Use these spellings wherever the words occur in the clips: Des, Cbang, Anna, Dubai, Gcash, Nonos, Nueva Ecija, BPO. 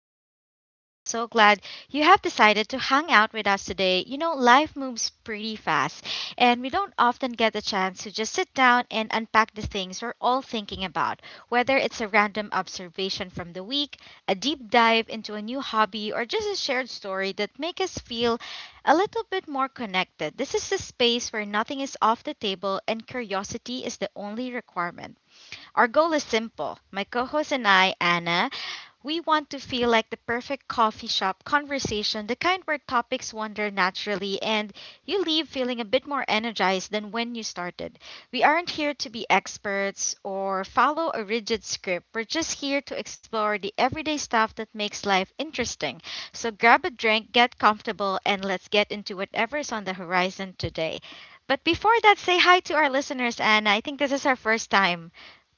your host, Des, and I'm so glad you have decided to hang out with us today. You know, life moves pretty fast, and we don't often get the chance to just sit down and unpack the things we're all thinking about, whether it's a random observation from the week, a deep dive into a new hobby, or just a shared story that make us feel a little bit more connected. This is the space where nothing is off the table and curiosity is the only requirement. Our goal is simple. My co host and I, Anna, we want to feel like the perfect coffee shop conversation, the kind where topics wander naturally and you leave feeling a bit more energized than when you started. We aren't here to be experts or follow a rigid script. We're just here to explore the everyday stuff that makes life interesting. So grab a drink, get comfortable, and let's get into whatever's on the horizon today. But before that, say hi to our listeners, Anna. I think this is our first time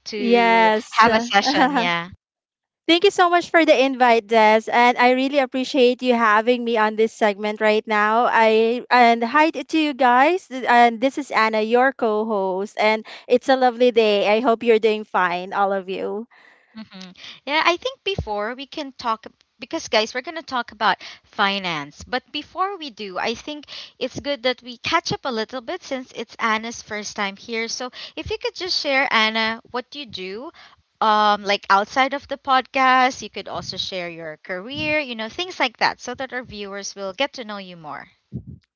to Yes. have a session. Yeah. Thank you so much for the invite, Des, and I really appreciate you having me on this segment right now. I and hi to you guys, and this is Anna, your co-host, and it's a lovely day. I hope you're doing fine, all of you. hmm Yeah, I think before we can talk, because guys, we're going to talk about finance. But before we do, I think it's good that we catch up a little bit since it's Anna's first time here. So if you could just share, Anna, what you do. Like outside of the podcast, you could also share your career, you know, things like that, so that our viewers will get to know you more.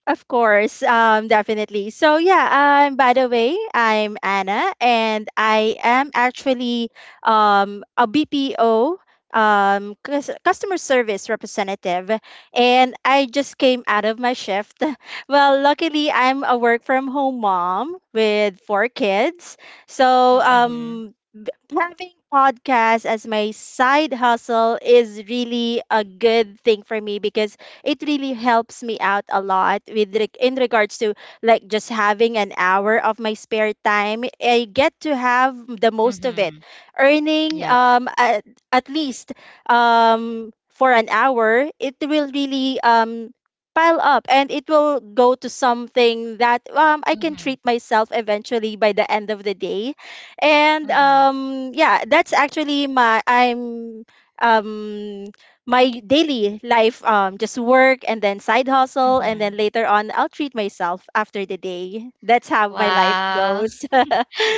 Of course, definitely. So yeah, by the way, I'm Anna, and I am actually a BPO customer service representative, and I just came out of my shift. Well, luckily, I'm a work from home mom with four kids, so Mm-hmm. Having podcast as my side hustle is really a good thing for me because it really helps me out a lot in regards to like just having an hour of my spare time. I get to have the most of it, Mm-hmm. earning Yep. At least for an hour. It will really pile up and it will go to something that I can Mm-hmm. treat myself eventually by the end of the day. And Mm-hmm. Yeah, that's actually my I'm um my daily life, just work and then side hustle, and then Mm-hmm. later on, I'll treat myself after the day. That's how my life Wow. goes.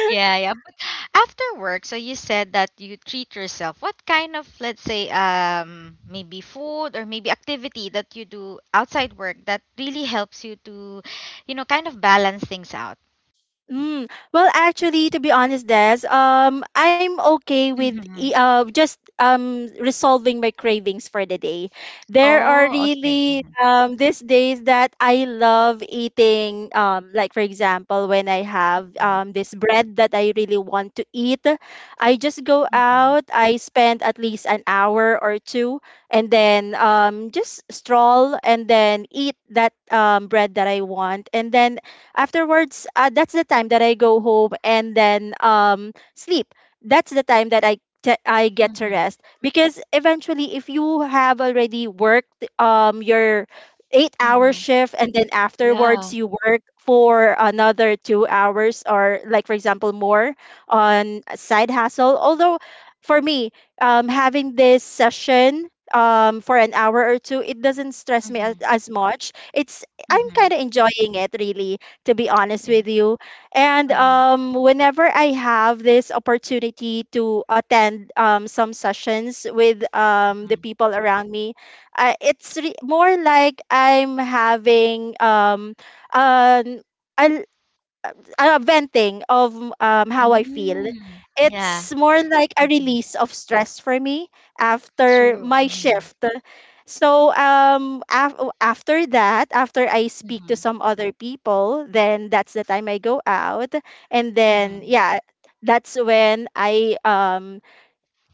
Yeah, yeah. But after work, so you said that you treat yourself. What kind of, let's say, maybe food or maybe activity that you do outside work that really helps you to, you know, kind of balance things out? Mm. Well, actually, to be honest, Des, I'm okay with Mm-hmm. Just resolving my cravings for the day. There are Oh, okay. really Mm-hmm. These days that I love eating. Like for example, when I have Right. This bread that I really want to eat, I just go Mm-hmm. out. I spend at least an hour or two, and then just stroll and then eat that bread that I want, and then afterwards, that's the time that I go home and then sleep. That's the time that I get to Mm-hmm. rest because eventually, if you have already worked your 8 hour Mm-hmm. shift and then Yeah. afterwards you work for another 2 hours or, like, for example, more on a side hustle. Although, for me, having this session for an hour or two, it doesn't stress me as, Mm-hmm. as much. It's I'm kind Mm-hmm. of enjoying it really, to be honest Yeah. with you. And Mm-hmm. Whenever I have this opportunity to attend some sessions with the Mm-hmm. people around me, more like I'm having an, a venting of how I feel. Mm-hmm. Yeah. It's more like a Mm-hmm. release of stress for me after True. my Mm-hmm. shift. So after that, after I speak to Mm-hmm. some other people, then that's the time I go out, and then Mm-hmm. yeah, that's when I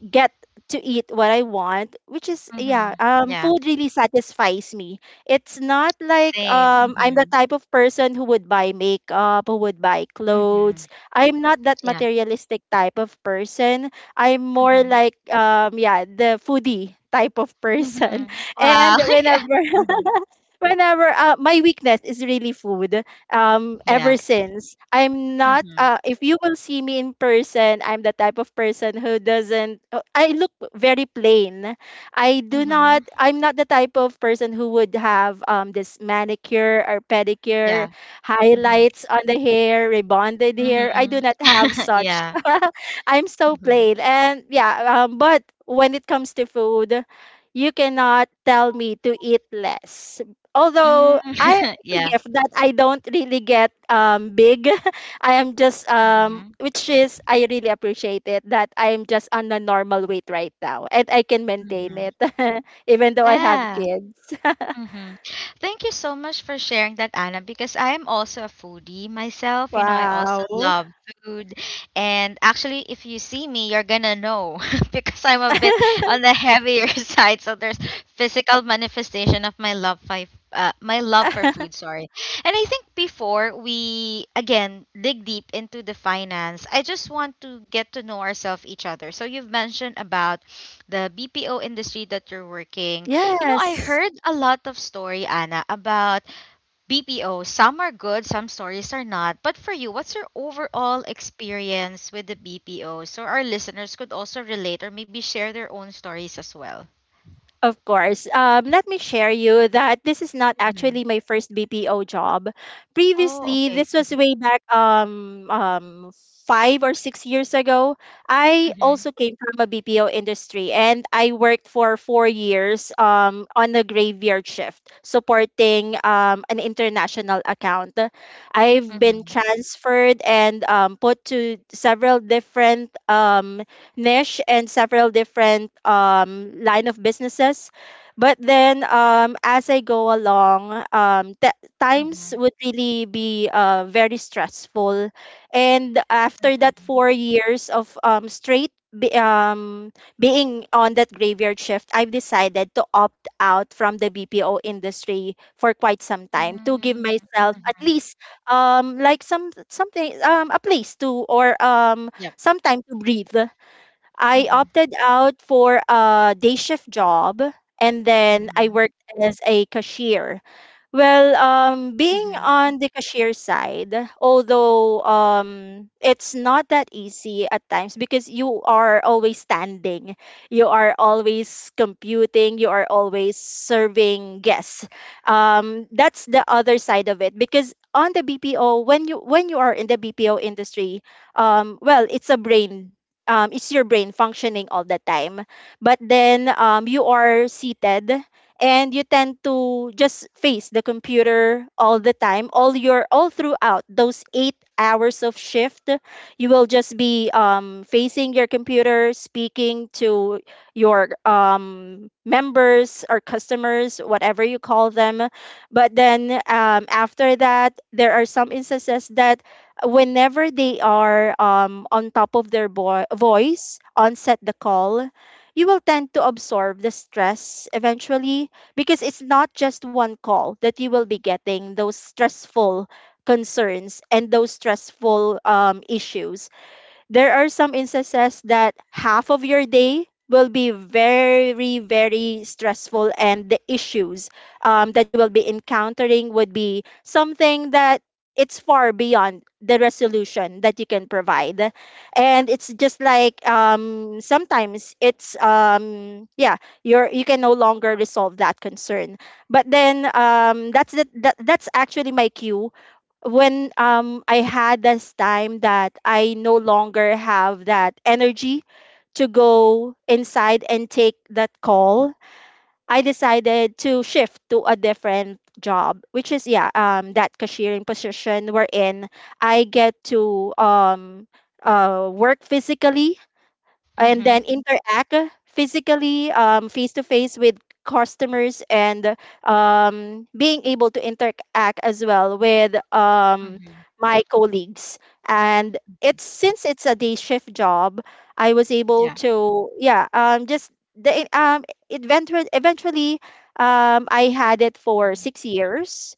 get to eat what I want, which is yeah, Mm-hmm. Yeah. food really satisfies me. It's not like Same. I'm the Mm-hmm. type of person who would buy makeup, who would buy Mm-hmm. clothes. I'm not that Yeah. materialistic type of person. I'm more Mhm. like yeah, the foodie type of person. Mhm. Wow. And whenever my weakness is really food ever Yeah. since. I'm not Mhm. uh, if you will see me in person, I'm the type of person who doesn't I look very plain. I'm not the type of person who would have this manicure or pedicure, Yeah. Mhm. Mhm. Yeah. Mhm. highlights on the hair, rebonded hair. I do Mhm. not have such. Yeah. I'm so Mhm. plain and yeah, but when it comes to food, you cannot tell me to eat less. Mm. Although I, it's a Yeah. gift that I don't really get big. I am just um, Mhm. which is I really appreciate it that I'm just on a normal weight right now and I can maintain Mhm. it even though I have Yeah. kids. Mm-hmm. Thank you so much for sharing that, Anna, because I am also a foodie myself. You know, I also Wow. love food. And actually, if you see me, you're gonna know because I'm a bit on the heavier side. So there's physical manifestation of my love for food, sorry. And I think before we again dig deep into the finance, I just want to get to know ourselves each other. So you've mentioned about the BPO industry that you're working, you know, I Yes. heard a lot of story, Anna, about BPO. Some are good, some stories are not. But for you, what's your overall experience with the BPO? So our listeners could also relate or maybe share their own stories as well. Of course. Let me share you that this is not hmm actually my first BPO job. Oh, Previously, okay. this Mm-hmm. was way back 5 or 6 years ago. I Mm-hmm. also came from a BPO industry and I worked for 4 years on a graveyard shift supporting an international account. I've been Mm-hmm. transferred and put to several different niche and several different line of businesses. But then as I go along, times would really be very stressful. And after that Mm-hmm. 4 years of being on that graveyard shift, I've decided to opt out from the BPO industry for quite some time to give Mm-hmm. myself at Mm-hmm. least like something, a place to, or Yep. some time to breathe. I Mm-hmm. opted out for a day shift job and then I Mm-hmm. worked as a cashier. Well, being Mm-hmm. on the cashier side, although it's not that easy at times because you are always standing, you are always computing, you are always serving guests. That's the other side of it because on the BPO, when you are in the BPO industry, well, it's your brain functioning all the time. But then you are seated and you tend to just face the computer all the time, all your all throughout those 8 hours of shift. You will just be facing your computer, speaking to your members or customers, whatever you call them. But then after that, there are some instances that whenever they are on top of their voice on set the call, you will tend to absorb the stress eventually because it's not just one call that you will be getting those stressful concerns and those stressful issues. There are some instances that half of your day will be very, very stressful, and the issues that you will be encountering would be something that it's far beyond the resolution that you can provide, and it's just like sometimes it's um, yeah, you're, you can no longer resolve that concern. But then that's the, that that's actually my cue. When I had this time that I no longer have that energy to go inside and take that call, I decided to shift to a different job, which is yeah, that cashiering position wherein I get to work physically and Mm-hmm. then interact physically, face to face with customers, and being able to interact as well with Mm-hmm. my colleagues. And it's, since it's a day shift job, I was able Yeah. to yeah, the um, eventually, I had it for hmm 6 years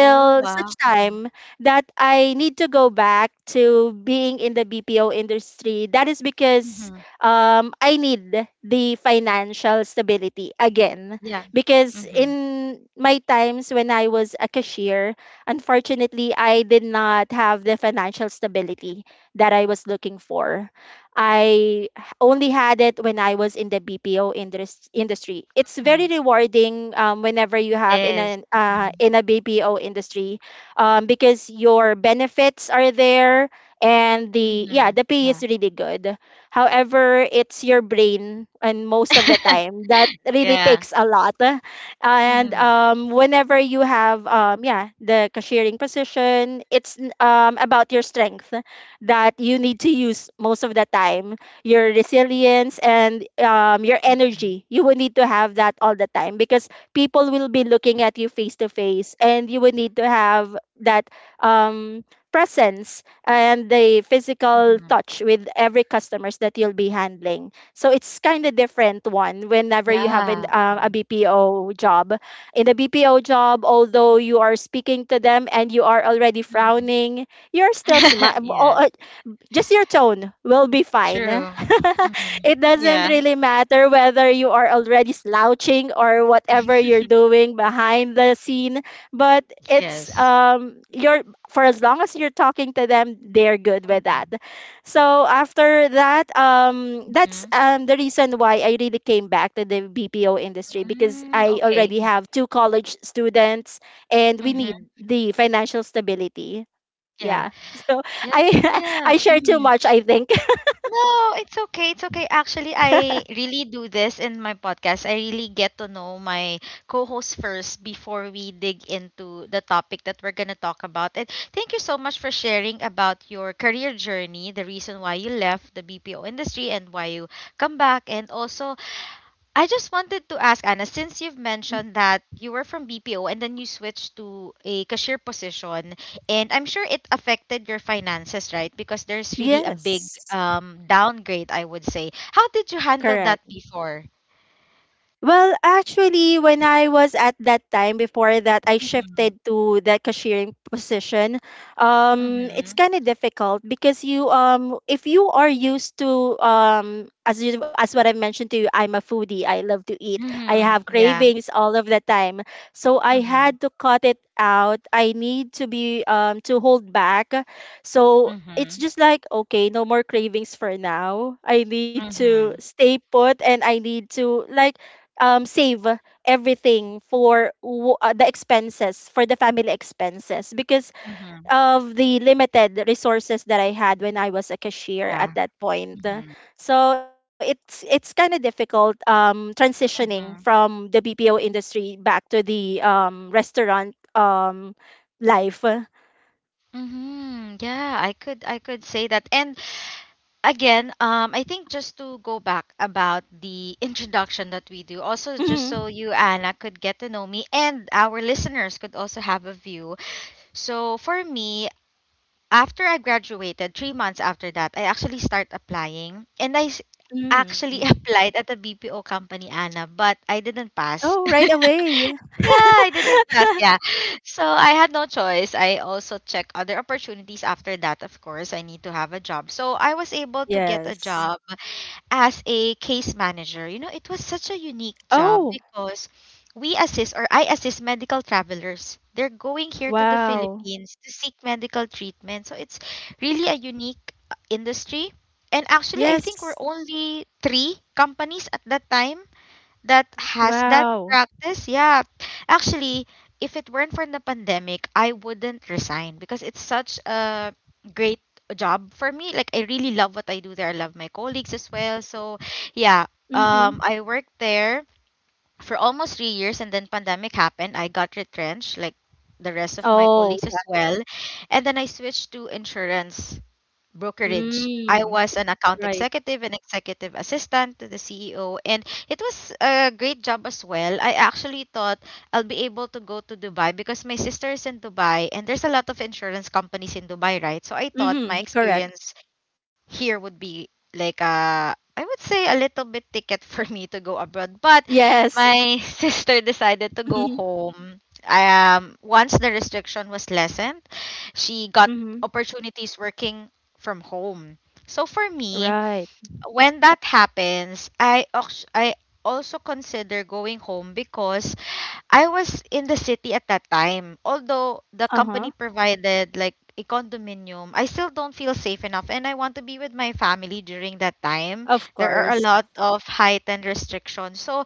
Oh, wow. such Mm-hmm. time that I need to go back to being in the BPO industry. That is because Mm-hmm. I need the financial stability again. Yeah. Because Mm-hmm. in my times when I was a cashier, unfortunately, I did not have the financial stability that I was looking for. I h- only had it when I was in the BPO industry. It's Mm-hmm. very rewarding whenever you have in Yes. an Mm-hmm. in a BPO industry because your benefits are there, and the yeah Mhm. the pay Yeah. is really good. However, it's your brain, and most of the time that really Yeah. takes a lot. And Mhm. Whenever you have yeah the cashiering position, it's about your strength that you need to use most of the time, your resilience and your Mhm. energy. You will need to have that all the time because people will be looking at you face to face, and you will need to have that um, presence and the physical Mhm. touch with every customers that you'll be handling. So it's kind of different one whenever you have Yeah. A Mhm. BPO job. In a BPO job, although you are speaking to them and you are already Mhm. frowning, you're still smiling, Yeah. just your tone will be fine. True. Mhm. It doesn't Yeah. really matter whether you are already slouching or whatever you're doing behind the scene, but it's Yes. You're for as long as you're talking to them, they're good with that. Mhm. So after that, that's Mhm. The reason why I really came back to the BPO industry because Mm, I okay. already have two college students and we need Mhm. the financial stability. Yeah. Yeah. So Yeah. I Yeah. I share too Mhm. much, I think. No, it's okay. It's okay. Actually, I really do this in my podcast. I really get to know my co-host first before we dig into the topic that we're going to talk about. And thank you so much for sharing about your career journey, the reason why you left the BPO industry and why you come back, and also I just wanted to ask Anna, since you've mentioned that you were from BPO and then you switched to a cashier position, and I'm sure it affected your finances, right? Because there's really a big Yes. Downgrade, I would say. How did you handle that before? Well, actually, when I was at that time, before that, I Mm-hmm. shifted to that cashiering position. It's Mm-hmm. kind of difficult because if you are used to, as what I mentioned to you, I'm a foodie. I love to eat. I Mm-hmm. have Yeah. cravings all of the time. So I Mm-hmm. had to cut it out. I need to be, to hold back. So it's Mm-hmm. just like okay, no more cravings for now. I need to Mm-hmm. stay put and I need to like save everything for the family expenses because Mm-hmm. of the limited resources that I had when I was a cashier Yeah. at that point. Mm-hmm. So it's kind of difficult transitioning Mm-hmm. from the BPO industry back to the restaurant life. Mm-hmm. Yeah, I could say that. And again, I think just to go back about the introduction that we do, also just so Mhm. you, Anna, could get to know me and our listeners could also have a view. So for me, after I graduated, 3 months after that, I actually start applying. And Mm. actually applied at a BPO company, Anna, but I didn't Oh, pass. right away. Yeah, I didn't pass. Yeah. So I had no choice. I also checked other opportunities after that. Of course, I need to have a job. So I was able to get a Yes. job as a case manager. You know, it was such a unique Oh, job because we assist or I assist medical travelers. They're going here to the wow. Philippines to seek medical treatment. So it's really a unique industry. And actually, I think we're Yes. only three companies at that time that has that Wow. practice. Yeah. Actually, if it weren't for the pandemic, I wouldn't resign because it's such a great job for me. Like I really love what I do there. I love my colleagues as well. So, yeah, Mm-hmm. I worked there for almost 3 years and then pandemic happened. I got retrenched like the rest of my Oh, colleagues as well. And then I switched to insurance brokerage. I mm. was an account Right. executive and executive assistant to the CEO, and it was a great job as well. I actually thought I'll be able to go to Dubai because my sister is in Dubai, and there's a lot of insurance companies in Dubai, right? So I thought my Mm-hmm. Correct. experience here would be like a, I would say, a little bit ticket for me to go abroad. But Yes. my sister decided to Mm-hmm. go home. Once the restriction was lessened, she got Mm-hmm. opportunities working from home. So for me, Right. when that happens, I also consider going home because I was in the city at that time. Although the Uh-huh. company provided like a condominium, I still don't feel safe enough and I want to be with my family during that time. Of There are a course. lot of heightened restrictions. So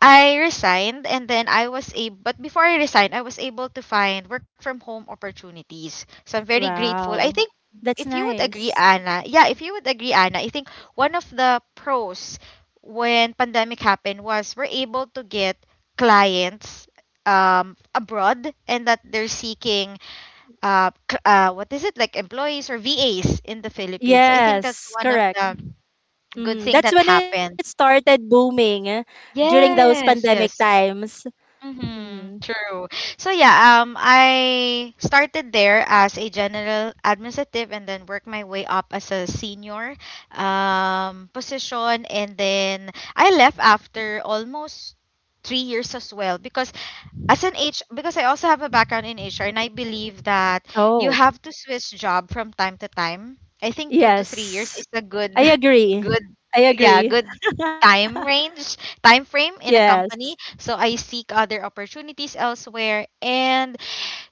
I resigned and then I was able, but before I resigned, I was able to find work from home opportunities. So I'm very grateful. I Wow. think That's if you would agree, nice. Anna, yeah, if you would agree, Anna, I think one of the pros when pandemic happened was we're able to get clients abroad and that they're seeking what is it like employees or VAs in the Philippines. I think that's Yes, one of correct. the good Mm. thing That's that when it happened. started booming eh, during those pandemic Yes, yes. times. Mm. Mm-hmm, true. So yeah, I started there as a general administrative and then worked my way up as a senior position and then I left after almost 3 years as well because as an H because I also have a background in HR and I believe that you Oh, have to switch job from time to time. I think 2 to 3 years yes. is a good I agree. good I yeah, agree. good time range, time frame in a Yes. company. So I seek other opportunities elsewhere and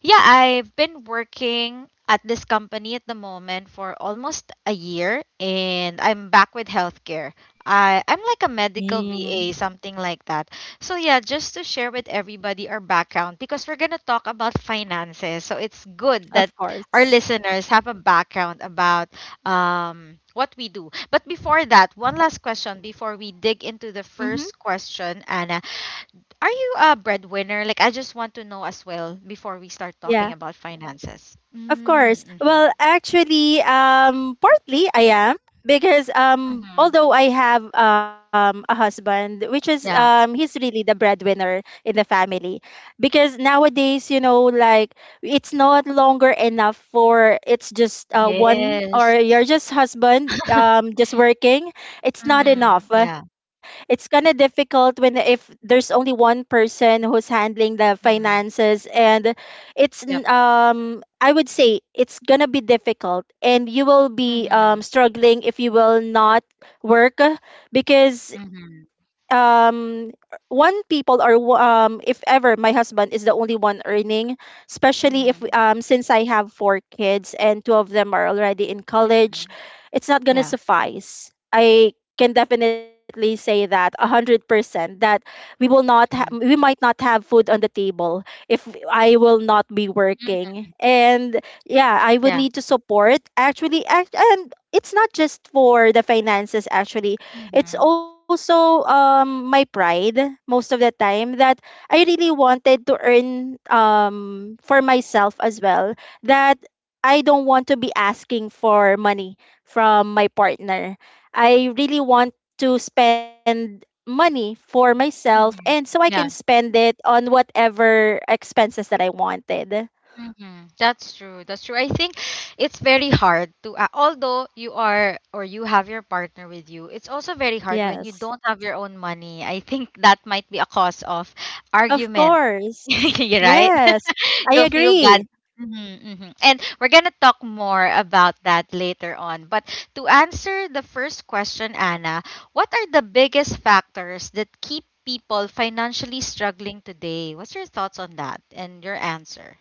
yeah, I've been working at this company at the moment for almost a year and I'm back with healthcare. I'm like a medical Mm. VA, something like that. So, yeah, just to share with everybody our background because we're going to talk about finances. So, it's good Of that our course. listeners have a background about what we do. But before that, one last question before we dig into the Mm-hmm. first question, Anna. Are you a breadwinner? Like, I just want to know as well before we start Yeah. talking about finances. Of course. Mm-hmm. Well, actually, partly I am because Mm-hmm. although I have a husband, which is Yeah. he's really the breadwinner in the family, because nowadays, you know, like it's not longer enough for it's just one or Yes. you're just husband just working. It's not Mm-hmm. enough. Yeah. It's kind of difficult when if there's only one person who's handling the Mm-hmm. finances, and Yep. I would say it's gonna be difficult, and you will be Mm-hmm. struggling if you will not work because Mm-hmm. um one people or w- if ever my husband is the only one earning, especially if Mm-hmm. Since I have four kids and two of them are already in college, it's not going to Yeah. suffice. I can definitely say that 100% that we Mm-hmm. might not have food on the table if I will not be working. And yeah, I would Yeah. need to support actually act and it's not just for the finances actually. It's Mm-hmm. also my pride most of the time that I really wanted to earn for myself as well, that I don't want to be asking for money from my partner. I really want to spend money for myself, and so Mm-hmm. I can Yeah. spend it on whatever expenses that I wanted. That's true. That's true. I think it's very hard to, although you are or you have your partner with you, it's also very hard when you Yes. don't have your own money. I think that might be a cause of Of argument. course. You're right. Yes. I You'll feel bad. agree. And we're going to talk more about that later on. But to answer the first question, Anna, what are the biggest factors that keep people financially struggling today? What's your thoughts on that and your answer?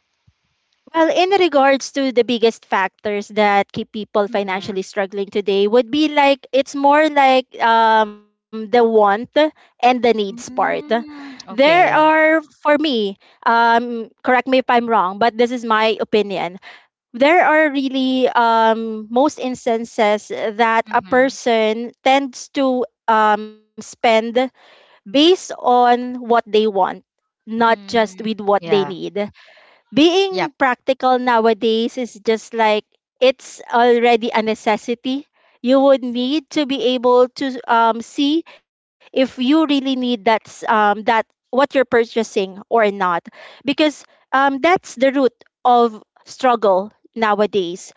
Well, in regards to the biggest factors that keep people Mhm. financially struggling today, would be like it's more like the want and the needs part. Mm, There okay, yeah. are for me, correct me if I'm wrong, but this is my opinion. There are really most instances that a Mhm. person tends to spend based on what they want, not just with Mm, what they yeah. need. Being Yep. practical nowadays is just like it's already a necessity. You would need to be able to see if you really need that what you're purchasing or not, because that's the root of struggle nowadays,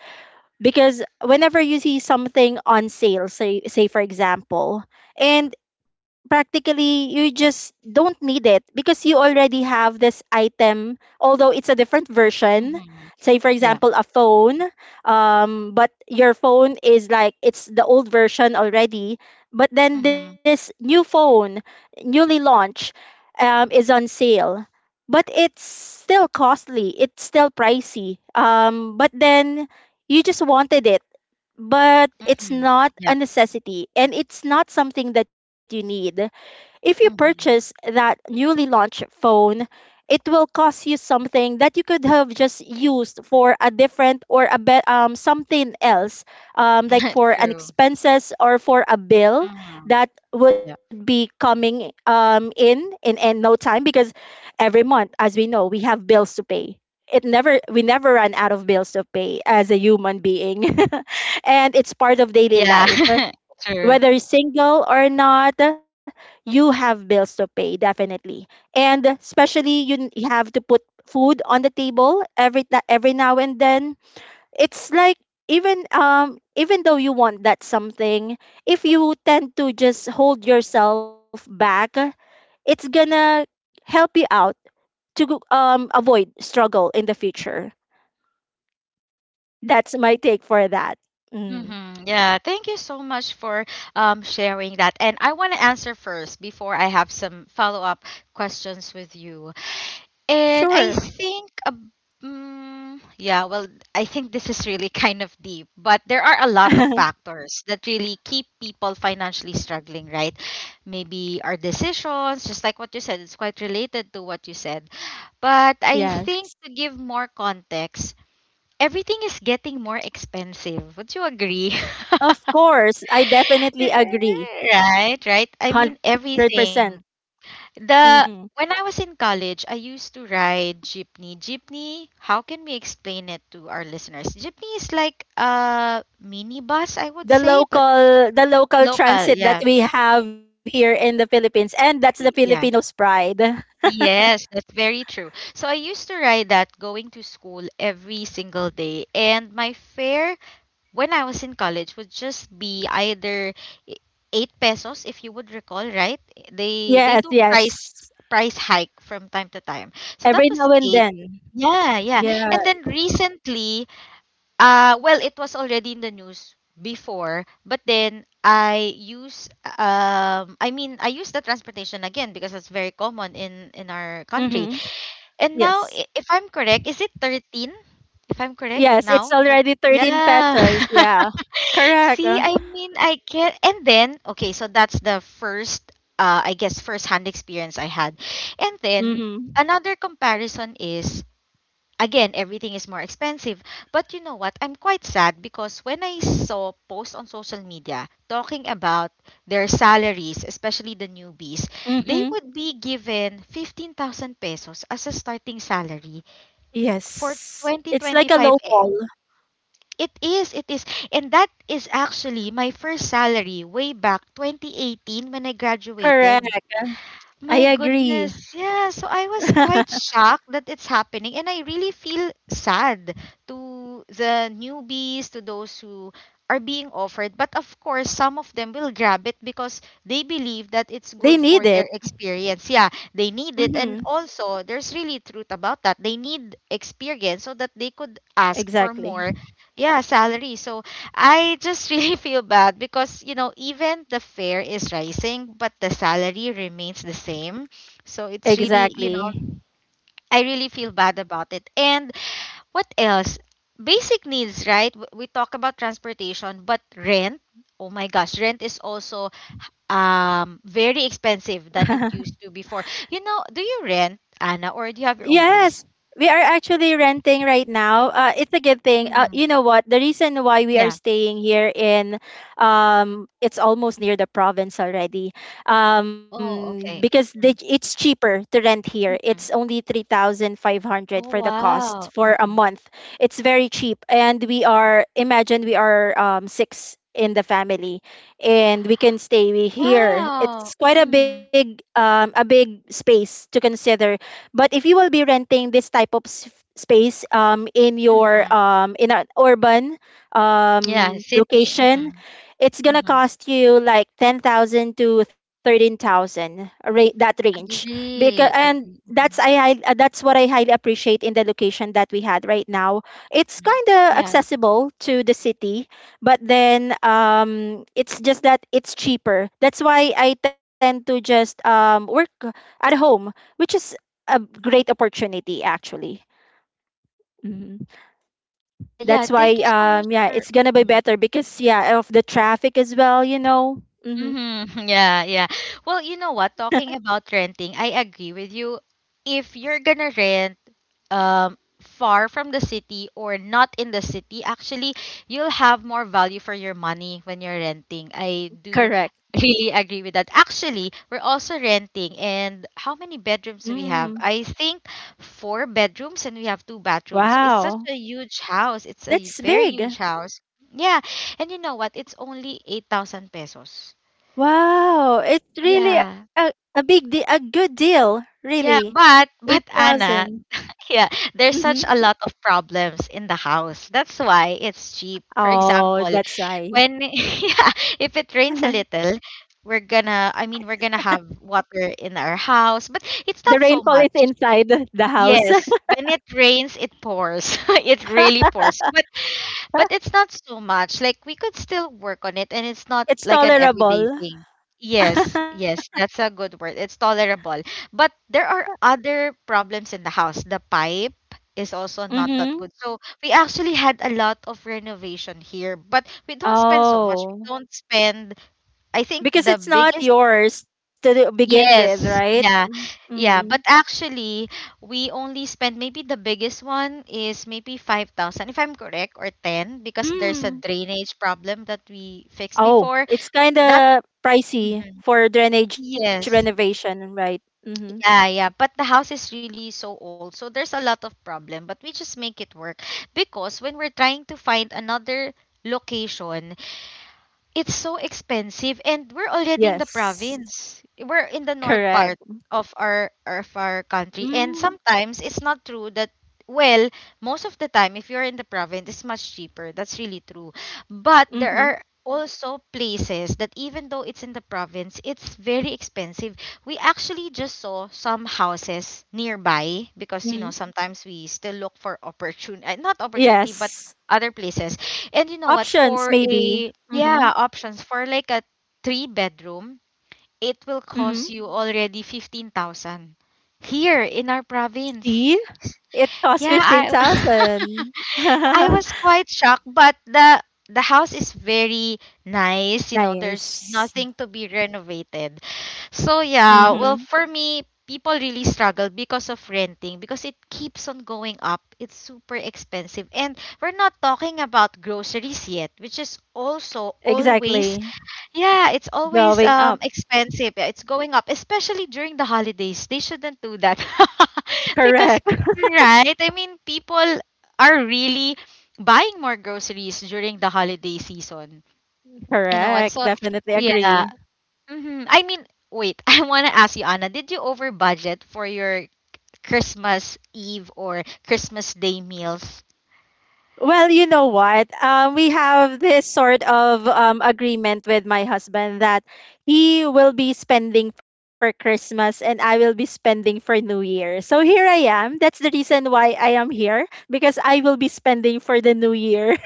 because whenever you see something on sale, say for example, and practically you just don't need it because you already have this item, although it's a different version. Mhm. Say for Yeah. example a phone, but your phone is like it's the old version already, but then this Mhm. new phone newly launched, is on sale, but it's still costly, it's still pricey, but then you just wanted it, but it's Mhm. not a Yep. necessity, and it's not something that you need. If you purchase Mhm. that newly launched phone, it will cost you something that you could have just used for a different or something else, like for an True. expenses or for a bill Mhm. that would Yep. be coming in no time, because every month, as we know, we have bills to pay. It never We never run out of bills to pay as a human being. And it's part of daily Yeah. life, True. whether single or not, you have bills to pay, definitely. And especially you have to put food on the table every now and then. It's like even though you want that something, if you tend to just hold yourself back, it's gonna help you out to avoid struggle in the future. That's my take for that. Mm, Mm-hmm. Yeah, thank you so much for sharing that. And I want to answer first before I have some follow-up questions with you. And sure. I think, yeah, well, I think this is really kind of deep, but there are a lot of factors that really keep people financially struggling, right? Maybe our decisions, just like what you said, it's quite related to what you said. But Yes. I think to give more context, everything is getting more expensive. Would you agree? Of course, I definitely agree. Right, right. I mean, 100%. everything. Mhm. The When I was in college, I used to ride jeepney. Jeepney, how can we explain it to our listeners? Jeepney is like a mini bus, I would The say, but local the local local. transit that Yeah, we have here in the Philippines, and that's the Filipinos yeah. pride. Yes, that's very true. So I used to ride that going to school every single day, and my fare when I was in college would just be either i- eight pesos, if you would recall, right? They Yes, do price yes. price hike from time to time. So that Every was now eight. and then. Yeah, yeah. And Yeah. then recently, well, it was already in the news before, but then I use the transportation again because it's very common in our Mhm. country. And now, Yes. If I'm correct, is it 13? If I'm correct Yes, it's now, that already 13 yeah. pesos. Yeah. Correct. See, I mean, I can. And then, okay, so that's the first, I guess, first hand experience I had. And then Mhm. another comparison is, again, everything is more expensive, but you know what, I'm quite sad because when I saw posts on social media talking about their salaries, especially the newbies, Mhm. they would be given 15,000 pesos as a starting salary for Yes. It's like a 2025. Eh, low ball. it is and that is actually my first salary way back 2018 when I Correct. graduated. I My agree. goodness. Yeah, so I was quite shocked that it's happening and I really feel sad to the newbies, to those who are being offered. But of course, some of them will grab it because they believe that it's They good for need it. their experience. Yeah, they need it and Mhm. also there's really truth about that. They need experience so that they could ask for more, Exactly. yeah, salary. So I just really feel bad because, you know, even the fare is rising, but the salary remains the same. So it's really. Exactly. I really feel bad about it. And what else? Basic needs, right? We talk about transportation, but rent, oh my gosh, rent is also very expensive than it used to before. You know, do you rent, Anna, or do you have your own Yes, place? we are actually renting right now. It's a good thing. Mm-hmm. You know what? The reason why we are Yeah. staying here in, it's almost near the province already. Oh, Because okay. Mhm. it's cheaper to rent here. It's Mhm. only 3,500 for Oh, the cost wow. for a Mm-hmm. month. It's very cheap. And we are, imagine we are six in the family, and we can stay here. Wow! It's quite Mhm, a big space to consider, but if you will be renting this type of space in your mhm. In an urban Yeah, city, location, mhm, it's gonna mhm. cost you like 10,000 to 13,000 that range. Because Agree, and agree, that's I, hi- that's what I highly appreciate in the location that we had right now. It's mhm. kind of Yeah. accessible to the city, but then it's just that it's cheaper. That's why I tend to just work at home, which is a great opportunity actually, Yeah, yeah, that's why thank you so much yeah for it's gonna be mhm, better because yeah of the traffic as well, you know. Mm-hmm. mhm, yeah, yeah. Well, you know what, talking about renting, I agree with you. If you're gonna rent, far from the city or not in the city, actually, you'll have more value for your money when you're renting. I do Correct. really agree with that. Actually, we're also renting, and how many bedrooms do we Mm. have? I think four bedrooms, and we have two bathrooms. It's such Wow, a huge house. It's a that's very big. huge house. Yeah, and you know what? It's only 8,000 pesos. Wow, it's really Yeah. a a good deal really. Yeah, but Anna, 8,000. yeah, there's such Mm-hmm. a lot of problems in the house. That's why it's cheap. For Oh, example, that's why. when yeah, if it rains a The little, we're gonna have water in our house, but it's not rainfall so is much. inside the house. Yes, when it rains, it pours. It really pours. But it's not so much. Like we could still work on it and it's not It's like an everyday tolerable. thing. Yes, yes, that's a good word. It's tolerable. But there are other problems in the house. The pipe is also not Mm-hmm. that good. So we actually had a lot of renovation here, but we don't spend so much. We Oh. don't spend, I think Because the it's not biggest, yours to begin with, right? yes, yeah, Mm-hmm. yeah. But actually, we only spend maybe the biggest one is maybe 5,000, if I'm correct, or 10, because there's a Mm. drainage problem that we fixed Oh, before. it's kind That, of pricey mhm. for drainage Yes, renovation, right? Mm-hmm. yeah, yeah. But the house is really so old, so there's a lot of problem, but we just make it work because when we're trying to find another location, it's so expensive and we're already in the Yes, province. We're in the correct. north part of our country and Mm. sometimes it's not true that, well, most of the time if you're in the province it's much cheaper. That's really true. But there Mm-hmm. are also places that even though it's in the province it's very expensive. We actually just saw some houses nearby Mm-hmm. because you know sometimes we still look for opportunity, not opportunity, but Yes, other places. And you know what? options For maybe. a, Mm-hmm. yeah, options for like a three bedroom, it will Mm-hmm. cost you already 15,000 here in our See, province. it costs Yeah, fifteen I thousand. I was quite shocked, but the house is very nice. You know, there's Nice. nothing to be renovated. So Mm-hmm. yeah, well for me, people really struggle because of renting because it keeps on going up. It's super expensive, and we're not talking about groceries yet, which is also always Exactly. yeah, it's always Going up. expensive. Yeah, it's going up, especially during the holidays. They shouldn't do that. Correct. Because, right? I mean, people are really buying more groceries during the holiday season. You know what? Correct. So, Definitely yeah. agree. I mean, wait, I want to ask you, Anna, did you over budget for your Christmas Eve or Christmas Day meals? Well, you know what? We have this sort of agreement with my husband that he will be spending for Christmas and I will be spending for New Year. So here I am. That's the reason why I am here, because I will be spending for the New Year,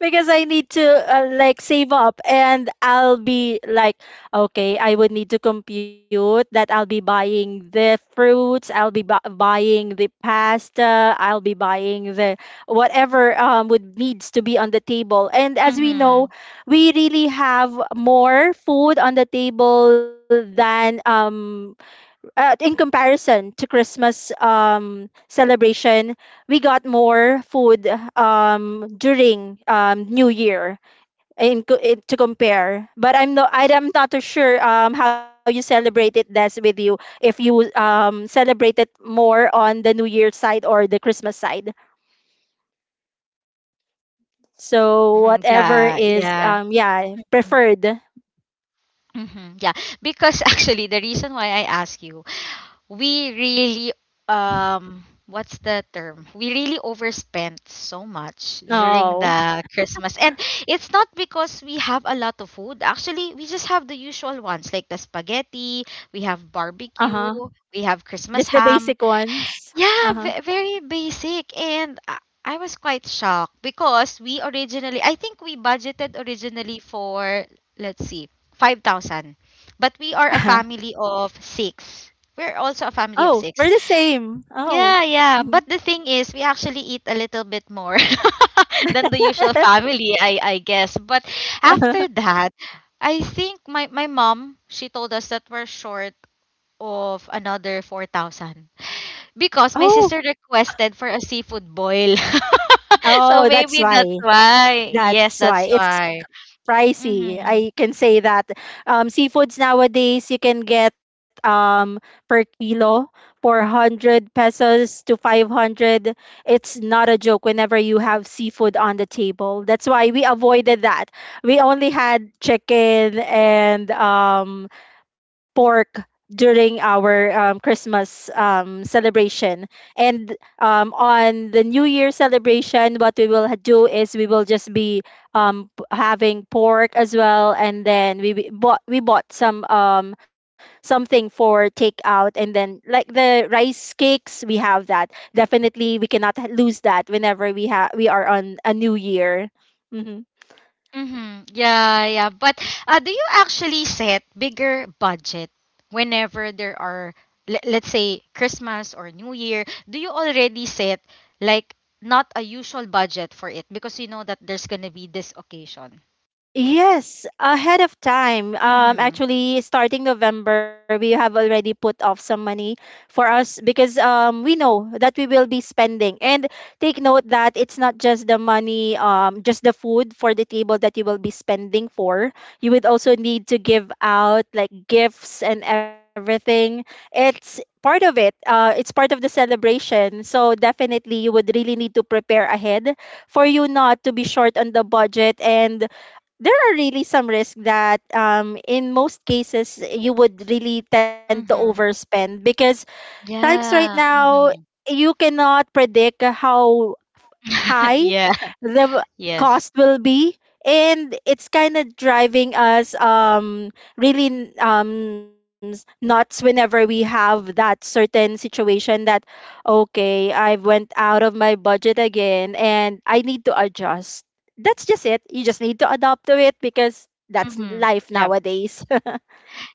because I need to like save up, and I'll be like, okay, I would need to compute that. I'll be buying the fruits, I'll be buying the pasta, I'll be buying the whatever would needs to be on the table. And as we Mm-hmm. know, we really have more food on the table than in comparison to Christmas celebration. We got more food during New Year, to compare. But I'm not too sure how you celebrate it. That's with you if you celebrate it more on the New Year side or the Christmas side. So Mm-hmm. whatever Yeah, is yeah. Yeah preferred. Mm-hmm. Yeah, because actually the reason why I ask you, we really what's the term, we really overspent so much during No, the Christmas, and it's not because we have a lot of food, actually we just have the usual ones, like the spaghetti, we have uh huh. barbecue, we have Just the Christmas basic ham, ones. yeah, Uh very basic. And I was quite shocked because we originally, I think we budgeted originally for, let's see, 5,000. But we are a huh. family of six. We're also a Oh, family of we're the six. same. Oh. Yeah, yeah. Mhm. But the thing is, we actually eat a little bit more than the usual family, I guess. But after that, I think my mom, she told us that we're short of another 4,000. Because my Oh. sister requested for a seafood boil. Oh, So that's maybe that's why. why. Yes, That's why. that's It's why. pricey. Mm-hmm. I can say that. Seafoods nowadays you can get per kilo 400 pesos to 500. It's not a joke whenever you have seafood on the table. That's why we avoided that. We only had chicken and pork during our Christmas celebration. And on the New Year celebration, what we do is we will just be having pork as well, and then we bought some something for takeout, and then like the rice cakes, we have that. Definitely, we cannot h- lose that whenever we are on a New Year. Mm-hmm. Mm-hmm. Yeah, yeah. But do you actually set bigger budget whenever there are, let's say, Christmas or New Year? Do you already set like not a usual budget for it because you know that there's gonna be this occasion? Yes, ahead of time. Mm-hmm. Actually, starting November, we have already put off some money for us, because we know that we will be spending. And take note that it's not just the money, just the food for the table that you will be spending for. You would also need to give out like gifts and everything. It's part of it. It's part of the celebration. So definitely, you would really need to prepare ahead for you not to be short on the budget. And there are really some risks that in most cases you would really tend to Mm-hmm. overspend, because times right Yeah. now Mm-hmm. you cannot predict how high Yeah. the w- Yes. cost will be, and it's kind of driving us nuts whenever we have that certain situation that okay, I went out of my budget again and I need to adjust. That's just it, you just need to adapt to it, because that's Mm-hmm. life Yeah. nowadays.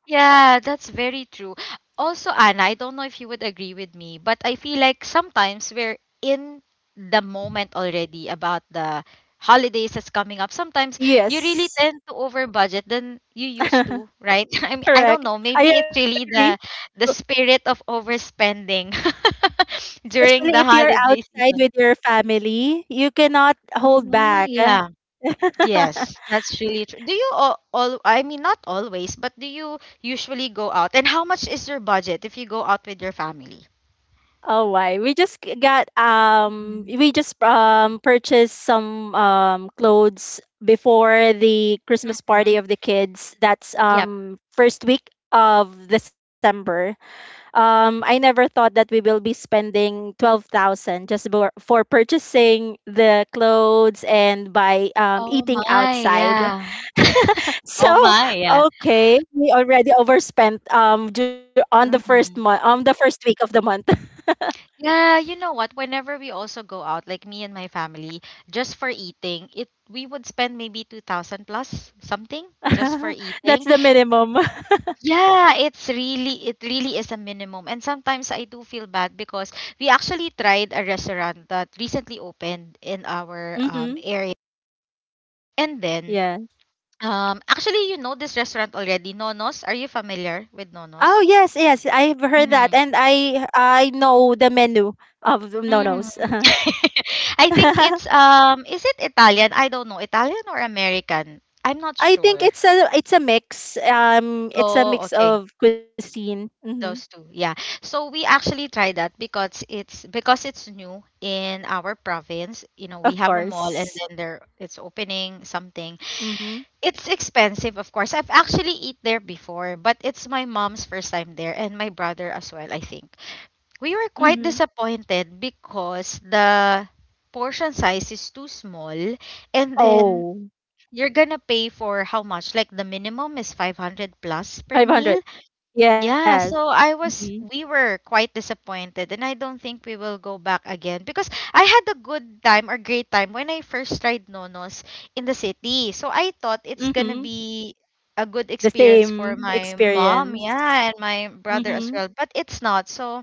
Yeah, that's very true. Also, Anna, I don't know if you would agree with me, but I feel like sometimes we're in the moment already about the holidays that's coming up. Sometimes you really Yes. tend to over budget than you used to, right? I mean, I don't Correct, know. I Maybe it's agree. really the spirit of overspending Especially during if the you're holiday outside with season. your family, you cannot Oh hold my, back. yeah. Yes, that's really true. Do you all, I mean not always, but do you usually go out? And how much is your budget if you go out with your family? Oh why? Mhm. We just purchased some clothes before the Christmas party Mhm. of the kids. That's Yep. First week of December. I never thought that we will be spending 12,000 just for purchasing the clothes and by Oh eating my, outside. yeah. Oh So, my, yeah. okay, we already overspent on the first month, Mhm. on the first week of the month. Yeah, you know what? Whenever we also go out, like me and my family, just for eating, it we would spend maybe 2,000 plus something just for That's eating. the minimum. Yeah, it's really, it really is a minimum. And sometimes I do feel bad because we actually tried a restaurant that recently opened in our Mm-hmm. area. And then Yeah. Actually you know this restaurant already, Nonos. Are you familiar with Oh Nonos? yes, yes. I've heard that, Mm-hmm. and I know the menu of no Mm. nos. I think it's is it Italian? I don't know, Italian or American? I'm not I think sure. It's a mix. It's a Oh, mix okay. of cuisine. Mm-hmm. Those two, yeah. So we actually try that because it's new in our province. You know, we Of have a mall and course. then there it's opening something. Mm-hmm. It's expensive, of course. I've actually eat there before, but it's my mom's first time there and my brother as well, I think. We were Mm-hmm. quite disappointed because the portion size is too small and then Oh, you're gonna pay for how much? Like the minimum is 500 plus per 500. meal, Yes. yeah, so I Mm-hmm. was we were quite disappointed and I don't think we will go back again because I had a good time or great time when I first tried Nonos in the city. So I thought it's gonna Mm-hmm. be a good The experience for same my mom, experience. yeah, and my Mhm. brother as well, but it's not. So,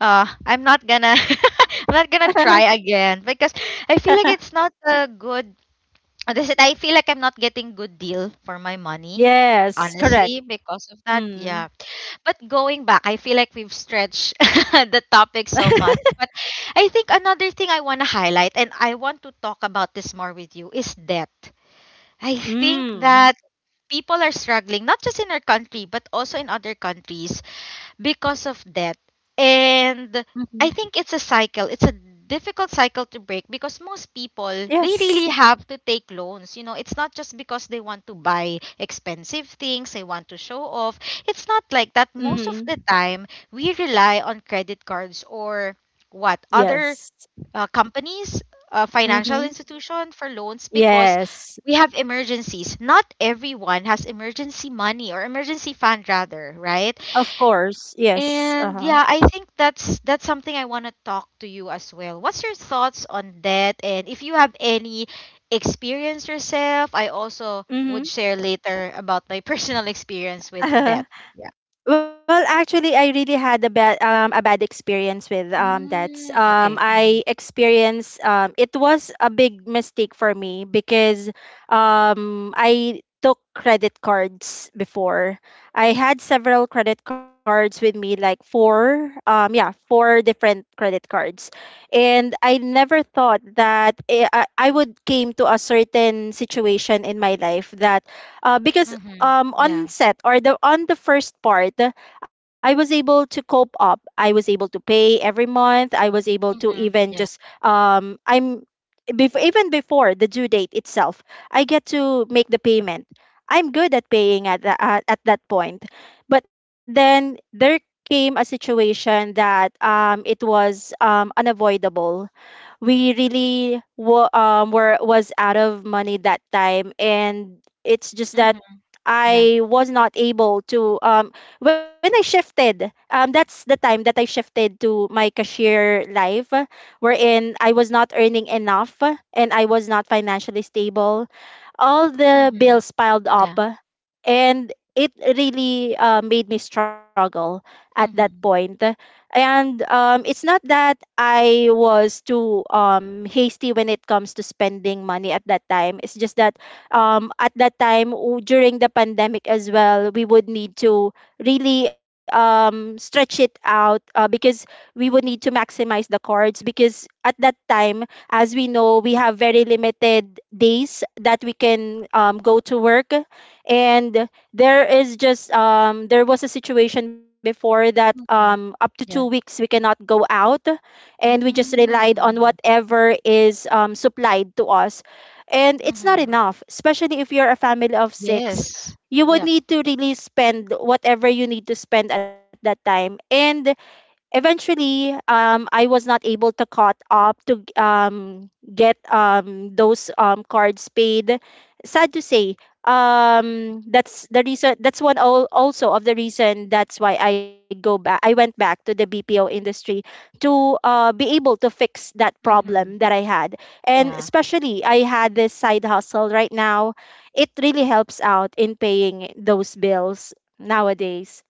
I'm not gonna I'm not gonna try again because I feel like it's not a good that's it. I feel like I'm not getting good deal for my money, Yes, correct. honestly, because of that. Yeah, Mm. but going back, I feel like we've stretched the topic so much. But I think another thing I want to highlight, and I want to talk about this more with you, is debt. I think Mm. that people are struggling, not just in our country, but also in other countries, because of that. And Hmm. I think it's a cycle. It's a difficult cycle to break because most people they Yes. really have to take loans. You know, it's not just because they want to buy expensive things, they want to show off. It's not like that. Hmm. Most of the time, we rely on credit cards or what Yes. other companies, financial Hmm. institution for loans because Yes. we have emergencies. Not everyone has emergency money or emergency fund rather, right? Of course. Yes. And Uh-huh. yeah, I think that's something I want to talk to you as well. What's your thoughts on that? And if you have any experience yourself, I also would Hmm. share later about my personal experience with that. Yeah. Well, actually, I really had a bad experience with that. Mm, okay. Mhm. I experienced it was a big mistake for me because I took credit cards before. I had several credit cards with me, like four different credit cards, and I never thought that I would came to a certain situation in my life that because Mhm. On Yeah. set or the on the first part. I was able to cope up. I was able to pay every month. I was able to Mhm. even just Yeah. Even before the due date itself, I get to make the payment. I'm good at paying at that point. But then there came a situation that it was unavoidable. We really wa- were was out of money that time, and it's just that Mhm. Yeah. I was not able to when I shifted that's the time that I shifted to my cashier life, wherein I was not earning enough, and I was not financially stable. All the Mhm. bills piled up, Yeah. and it really made me struggle at that point. Mhm. And it's not that I was too hasty when it comes to spending money at that time. It's just that at that time, during the pandemic as well, we would need to really stretch it out because we would need to maximize the cards. Because at that time, as we know, we have very limited days that we can go to work. And there is just there was a situation before that, up Mhm. to 2 weeks Yeah. we cannot go out, and we just relied Mm. on Mhm. whatever is supplied to us. And it's not Mhm. enough, especially if you're a family of six. Yes. You would Yep. need to really spend whatever you need to spend at that time. And eventually, I was not able to caught up to get those cards paid. Sad to say, that's the reason. That's one also of the reason that's why I went back to the BPO industry, to be able to fix that problem Mhm. that I had. And Yeah. especially I had this side hustle right now, it really helps out in paying those bills nowadays.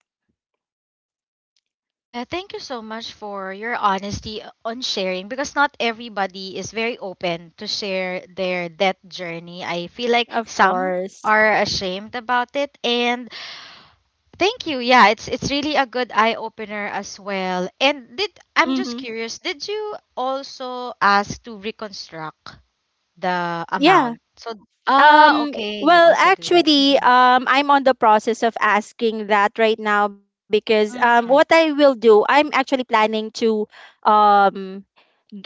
Yeah, thank you so much for your honesty on sharing because not everybody is very open to share their death journey. I feel like Of some course. are ashamed about it, and thank you. Yeah, it's really a good eye opener as well. And did I'm Mm-hmm. just curious, did you also ask to reconstruct the Yeah. amount? So ah, Um okay, you well, also do that. actually, Mhm. I'm on the process of asking that right now. Because what Mm-hmm. I will do I'm actually planning to um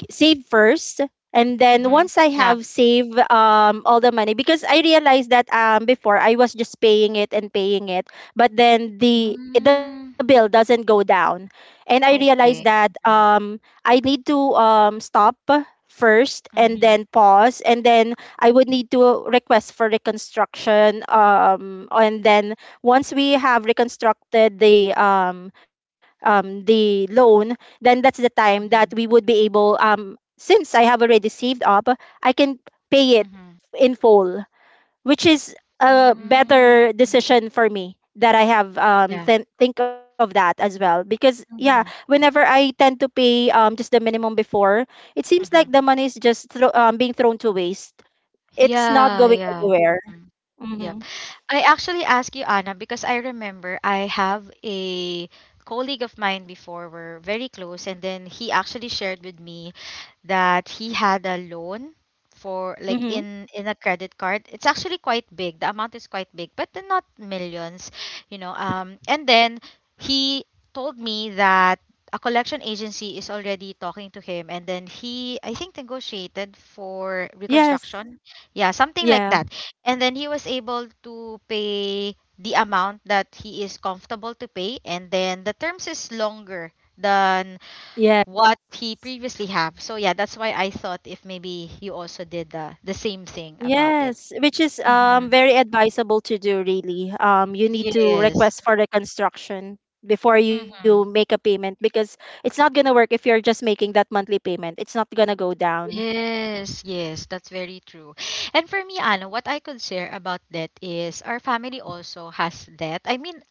save first, and then Mm-hmm. once I Yeah. have saved all the money. Because I realized that before I was just paying it and paying it, but then the bill Mm, doesn't go down. And I realized that okay. Mm-hmm. I need to stop first and Mm-hmm. then pause, and then I would need to request for reconstruction, and then once we have reconstructed the the loan, then that's the time that we Mm-hmm. would be able, since I have already saved up, I can pay it Mhm. in full, which is a Mm, better mhm. decision for me that I have Yeah. Think of that as well. Because yeah, Mhm. whenever I tend to pay just the minimum before, it seems like the Mhm. money is just being thrown to waste. It's not Yeah, going yeah. anywhere. Mhm. Mm-hmm. I actually asked you, Anna, because I remember I have a colleague of mine before, we're very close, and then he actually shared with me that he had a loan for like Mm-hmm. in a credit card. It's actually quite big, the amount is quite big, but then not millions, you know. Um, and then he told me that a collection agency is already talking to him, and then he I think negotiated for Yes, reconstruction, yeah, something like yeah, that. And then he was able to pay the amount that he is comfortable to pay. And then the terms is longer than yeah. what he previously have. So yeah, that's why I thought if maybe you also did the same thing about it. Yes, which is Hmm. Very advisable to do really. You need to Yes. request for reconstruction before you make a Mm-hmm. payment, because it's not going to work if you're just making that monthly payment. It's not going to go down. Yes, yes, that's very true. And for me, Anna, what I could share about debt is our family also has debt. I mean,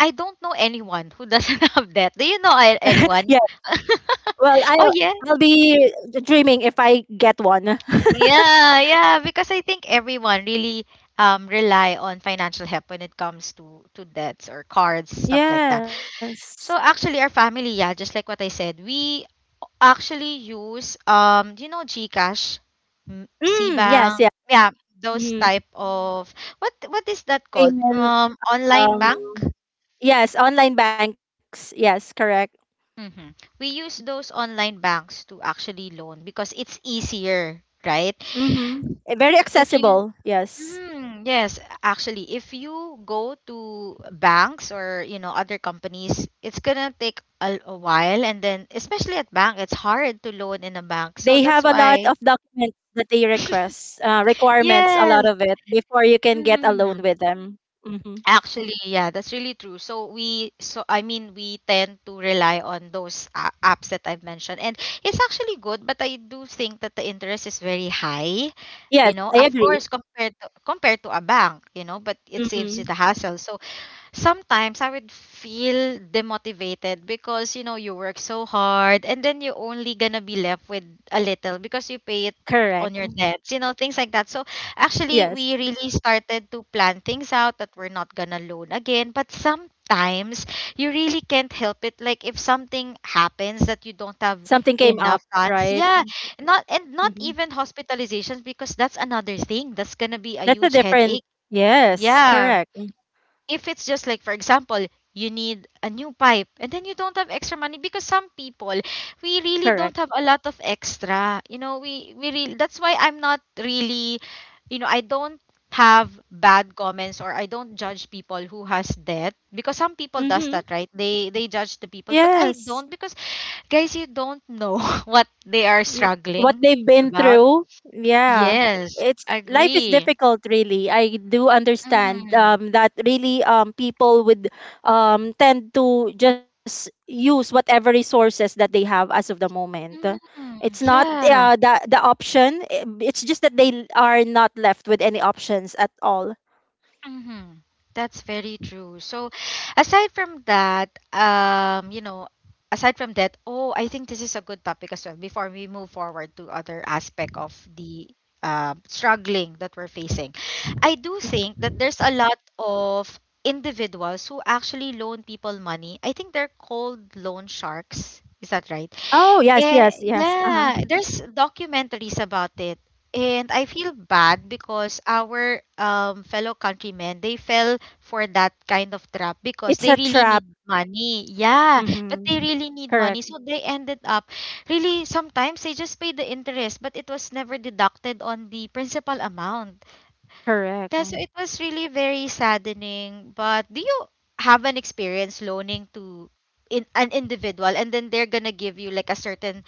I don't know anyone who doesn't have debt. Do you know Yeah. anyone? Well, I'll Oh, yeah. I'll be dreaming if I get one. Yeah, yeah, because I think everyone really rely on financial help when it comes to debts or cards, stuff like that. Yes. So actually our family, yeah, just like what I said, we actually use do you know Gcash, M- Mm, yes, yeah. Cbang, yeah, those Mm, type of what is that called? payment, Um, online um bank? yes, online banks. Yes, correct. Mm-hmm. We use those online banks to actually loan because it's easier, right? Mhm. Very If you accessible. Yes. Mhm, yes, actually, if you go to banks or you know other companies, it's gonna take a while, and then especially at bank, it's hard to loan in a They bank. So have a that's lot of why, documents that they request, requirements, a lot yes, of it before you can get a loan mhm. with them. Hmm. Actually, yeah, that's really true. So we, so I mean, we tend to rely on those apps that I've mentioned, and it's actually good, but I do think that the interest is very high. Yes, You know, I of agree. course, compared to a bank, you know, but it saves you Hmm. the hassle. So sometimes I would feel demotivated because you know you work so hard and then you're only gonna be left with a little because you pay it Correct. on your debts, you know, things like that. So actually Yes, we really started to plan things out that we're not gonna loan again. But sometimes you really can't help it. Like if something happens that you don't have something came up, enough funds. right? Yeah. Not and not Hmm. even hospitalizations because that's another thing. That's gonna be a That's a huge different. headache. Yes, Yeah, correct. if it's just like for example you need a new pipe and then you don't have extra money because some people we really Correct. don't have a lot of extra, you know, we really, that's why I'm not really, you know, I don't have bad comments or I don't judge people who has debt because some people does that, right? Hmm. They judge the people but I Yes. don't because guys you don't know what they are y- what struggling they've been about. through. Yeah. Yes, It's life is agree. difficult really. I do understand Mm-hmm. That really people would tend to just use whatever resources that they have as of the moment. Mm-hmm. It's not Yeah. The option. It's just that they are not left with any options at all. Mm-hmm. That's very true. So, aside from that, you know, aside from that, oh, I think this is a good topic as well. Before we move forward to other aspect of the struggling that we're facing, I do think that there's a lot of individuals who actually loan people money. I think they're called loan sharks. Is that right? Oh, yes, yes, Eh, yes. Uh-huh. yeah, there's documentaries about it. And I feel bad because our fellow countrymen, they fell for that kind of trap because It's they a really trap. need money. Yeah, Mhm. but they really need Correct. money. So they ended up really sometimes they just pay the interest, but it was never deducted on the principal amount. Correct. Yeah, so it was really very saddening. But do you have an experience loaning to in an individual and then they're gonna give you like a certain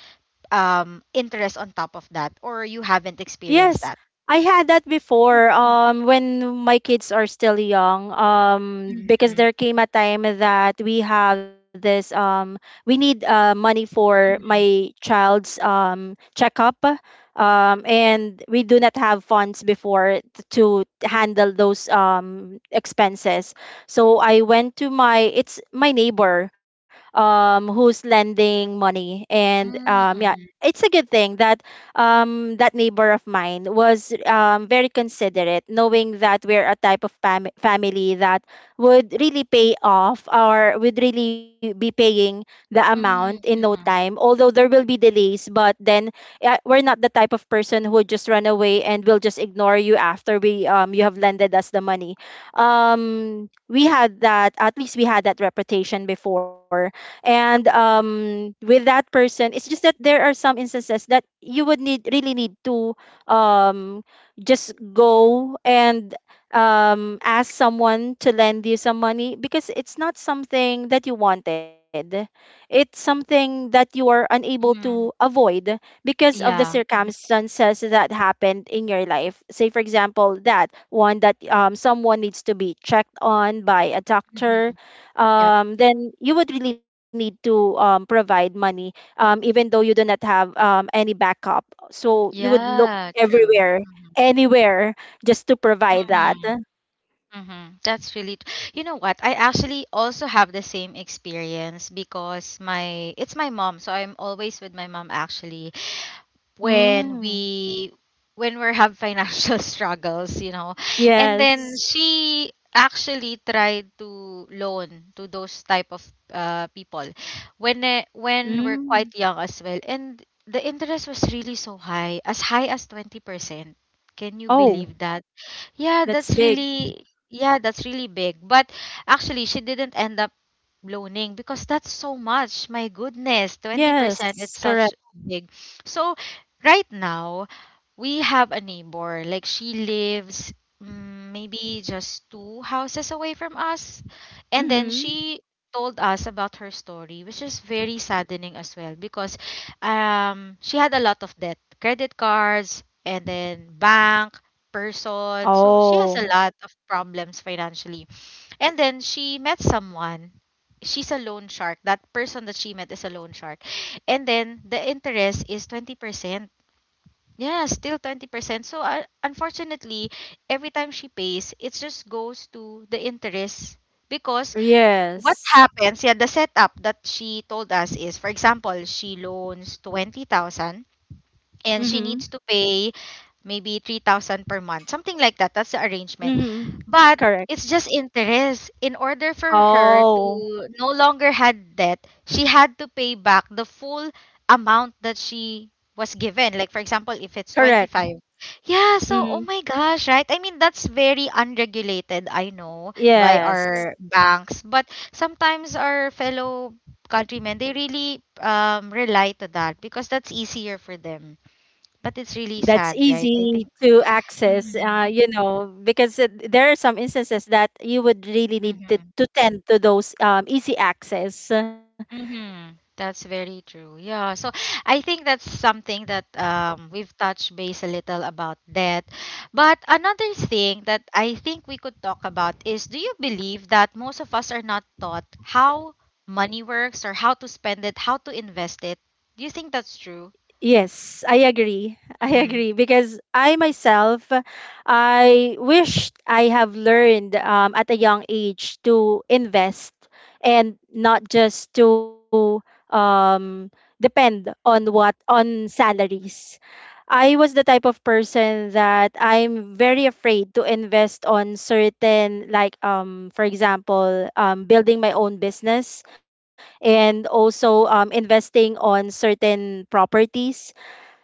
interest on top of that, or you haven't experienced Yes, that? I had that before. Mhm, When my kids are still young, because mhm, there came a time that we have this, we need money for mhm, my child's checkup, and we do not have funds before to handle those expenses. So I went to my it's my neighbor, who's lending money, and yeah, mhm, it's a good thing that that neighbor of mine was very considerate, knowing that we're a type of family that would really pay off or would really be paying the amount in mhm, no time. mhm, Although there will be delays, but then we're not the type of person who would just run away and will just ignore you after we you have lended us the money. We had that at least we had that reputation before. And with that person, it's just that there are some instances that you would need really need to um, just go and ask someone to lend you some money, because it's not something that you wanted, it's something that you are unable to mhm. avoid because of the Yeah. circumstances that happened in your life. Say, for example, that one that someone needs to be checked on by a doctor, Mhm. Yep. Then you would really need to provide money, even though you do not have any backup. So you would look Yeah, true. everywhere, Mhm, anywhere, just to provide mhm, that. mhm. That's really, you know what? I actually also have the same experience because my, it's my mom. So I'm always with my mom actually. when Mm. we when we have financial struggles, you know, and Yes. then she actually tried to loan to those type of people when when we're Mm. quite young as well, and the interest was really so high, as high as 20%. Can you Oh, believe that? Yeah, that's that's big. really, yeah, that's really big. But actually she didn't end up loaning because that's so much. My goodness, Yes, 20%, it's correct. such big. So right now we have a neighbor. Like she lives, mm, maybe just two houses away from us. And then Mm-hmm. she told us about her story, which is very saddening as well because she had a lot of debt, credit cards, and then bank person. So she has a Oh, lot of problems financially. And then she met someone. She's a loan shark. That person that she met is a loan shark. And then the interest is 20%. Yeah, still 20%. So unfortunately, every time she pays, it just goes to the interest because what yes. happens, yeah, the setup that she told us is, for example, she loans 20,000 and she Mm-hmm. needs to pay maybe 3,000 per month, something like that. That's the arrangement. Mm-hmm. But Correct. it's just interest. In order for her Oh, to no longer had debt, she had to pay back the full amount that she was given. Like for example, if it's correct. 25. Yeah, so oh Mm-hmm. my gosh, right? I mean, that's very unregulated, I know, by Yes. our banks, but sometimes our fellow countrymen, they really rely to that because that's easier for them, but it's really That's sad, right? I easy think. to access, Hmm. Because there are some instances that you would really need to, Hmm. Tend to those easy access. Hmm. That's very true. Yeah. So I think that's something that we've touched base a little about death. But another thing that I think we could talk about is do you believe that most of us are not taught how money works or how to spend it, how to invest it? Do you think that's true? Yes, I agree, I Mm-hmm. agree, because I myself, I wished I have learned, at a young age, to invest, and not just to um, depend on what on salaries. I was the type of person that I'm very afraid to invest on certain, like, for example, building my own business, and also investing on certain properties.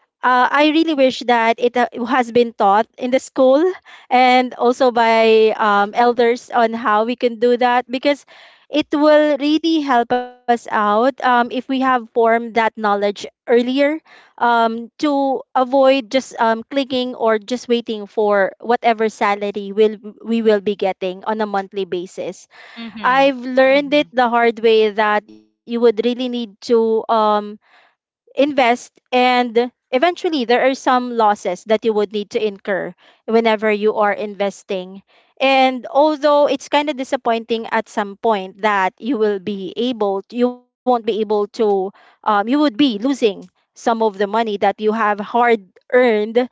I really wish that it has been taught in the school, and also by elders, on how we can do that. Because it will really help us out, if we have formed that knowledge earlier, to avoid just clicking, or just waiting for whatever salary will we will be getting on a monthly basis. Mm-hmm. I've learned Mm-hmm. it the hard way that you would really need to invest, and eventually there are some losses that you would need to incur whenever you are investing. And although it's kind of disappointing at some point that you won't be able to, you would be losing some of the money that you have hard earned,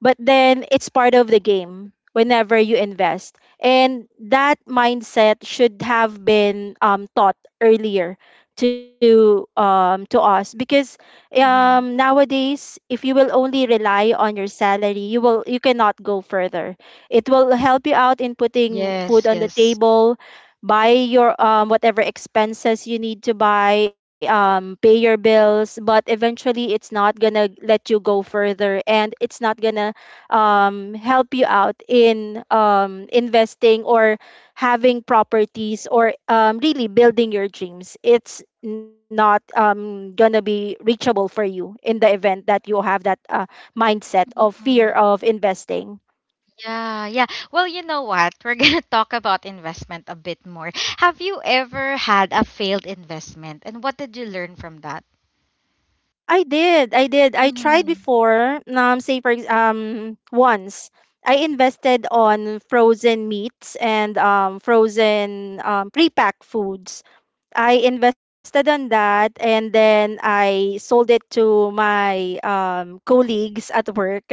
but then it's part of the game whenever you invest. And that mindset should have been, taught earlier to, to us. Because Mm-hmm. nowadays, if you will only rely on your salary, you cannot go further. It will help you out in putting food Yes, on the yes. table, buy your, whatever expenses you need to buy, pay your bills, but eventually it's not gonna let you go further, and it's not gonna help you out in investing, or having properties, or really building your dreams. It's not gonna be reachable for you in the event that you have that mindset of fear of investing. Yeah, yeah. Well, you know what? We're gonna talk about investment a bit more. Have you ever had a failed investment, and what did you learn from that? I did, I did. I tried Mm-hmm. before. Say for once. I invested on frozen meats and, frozen, pre foods. I invested on that, and then I sold it to my, colleagues at work,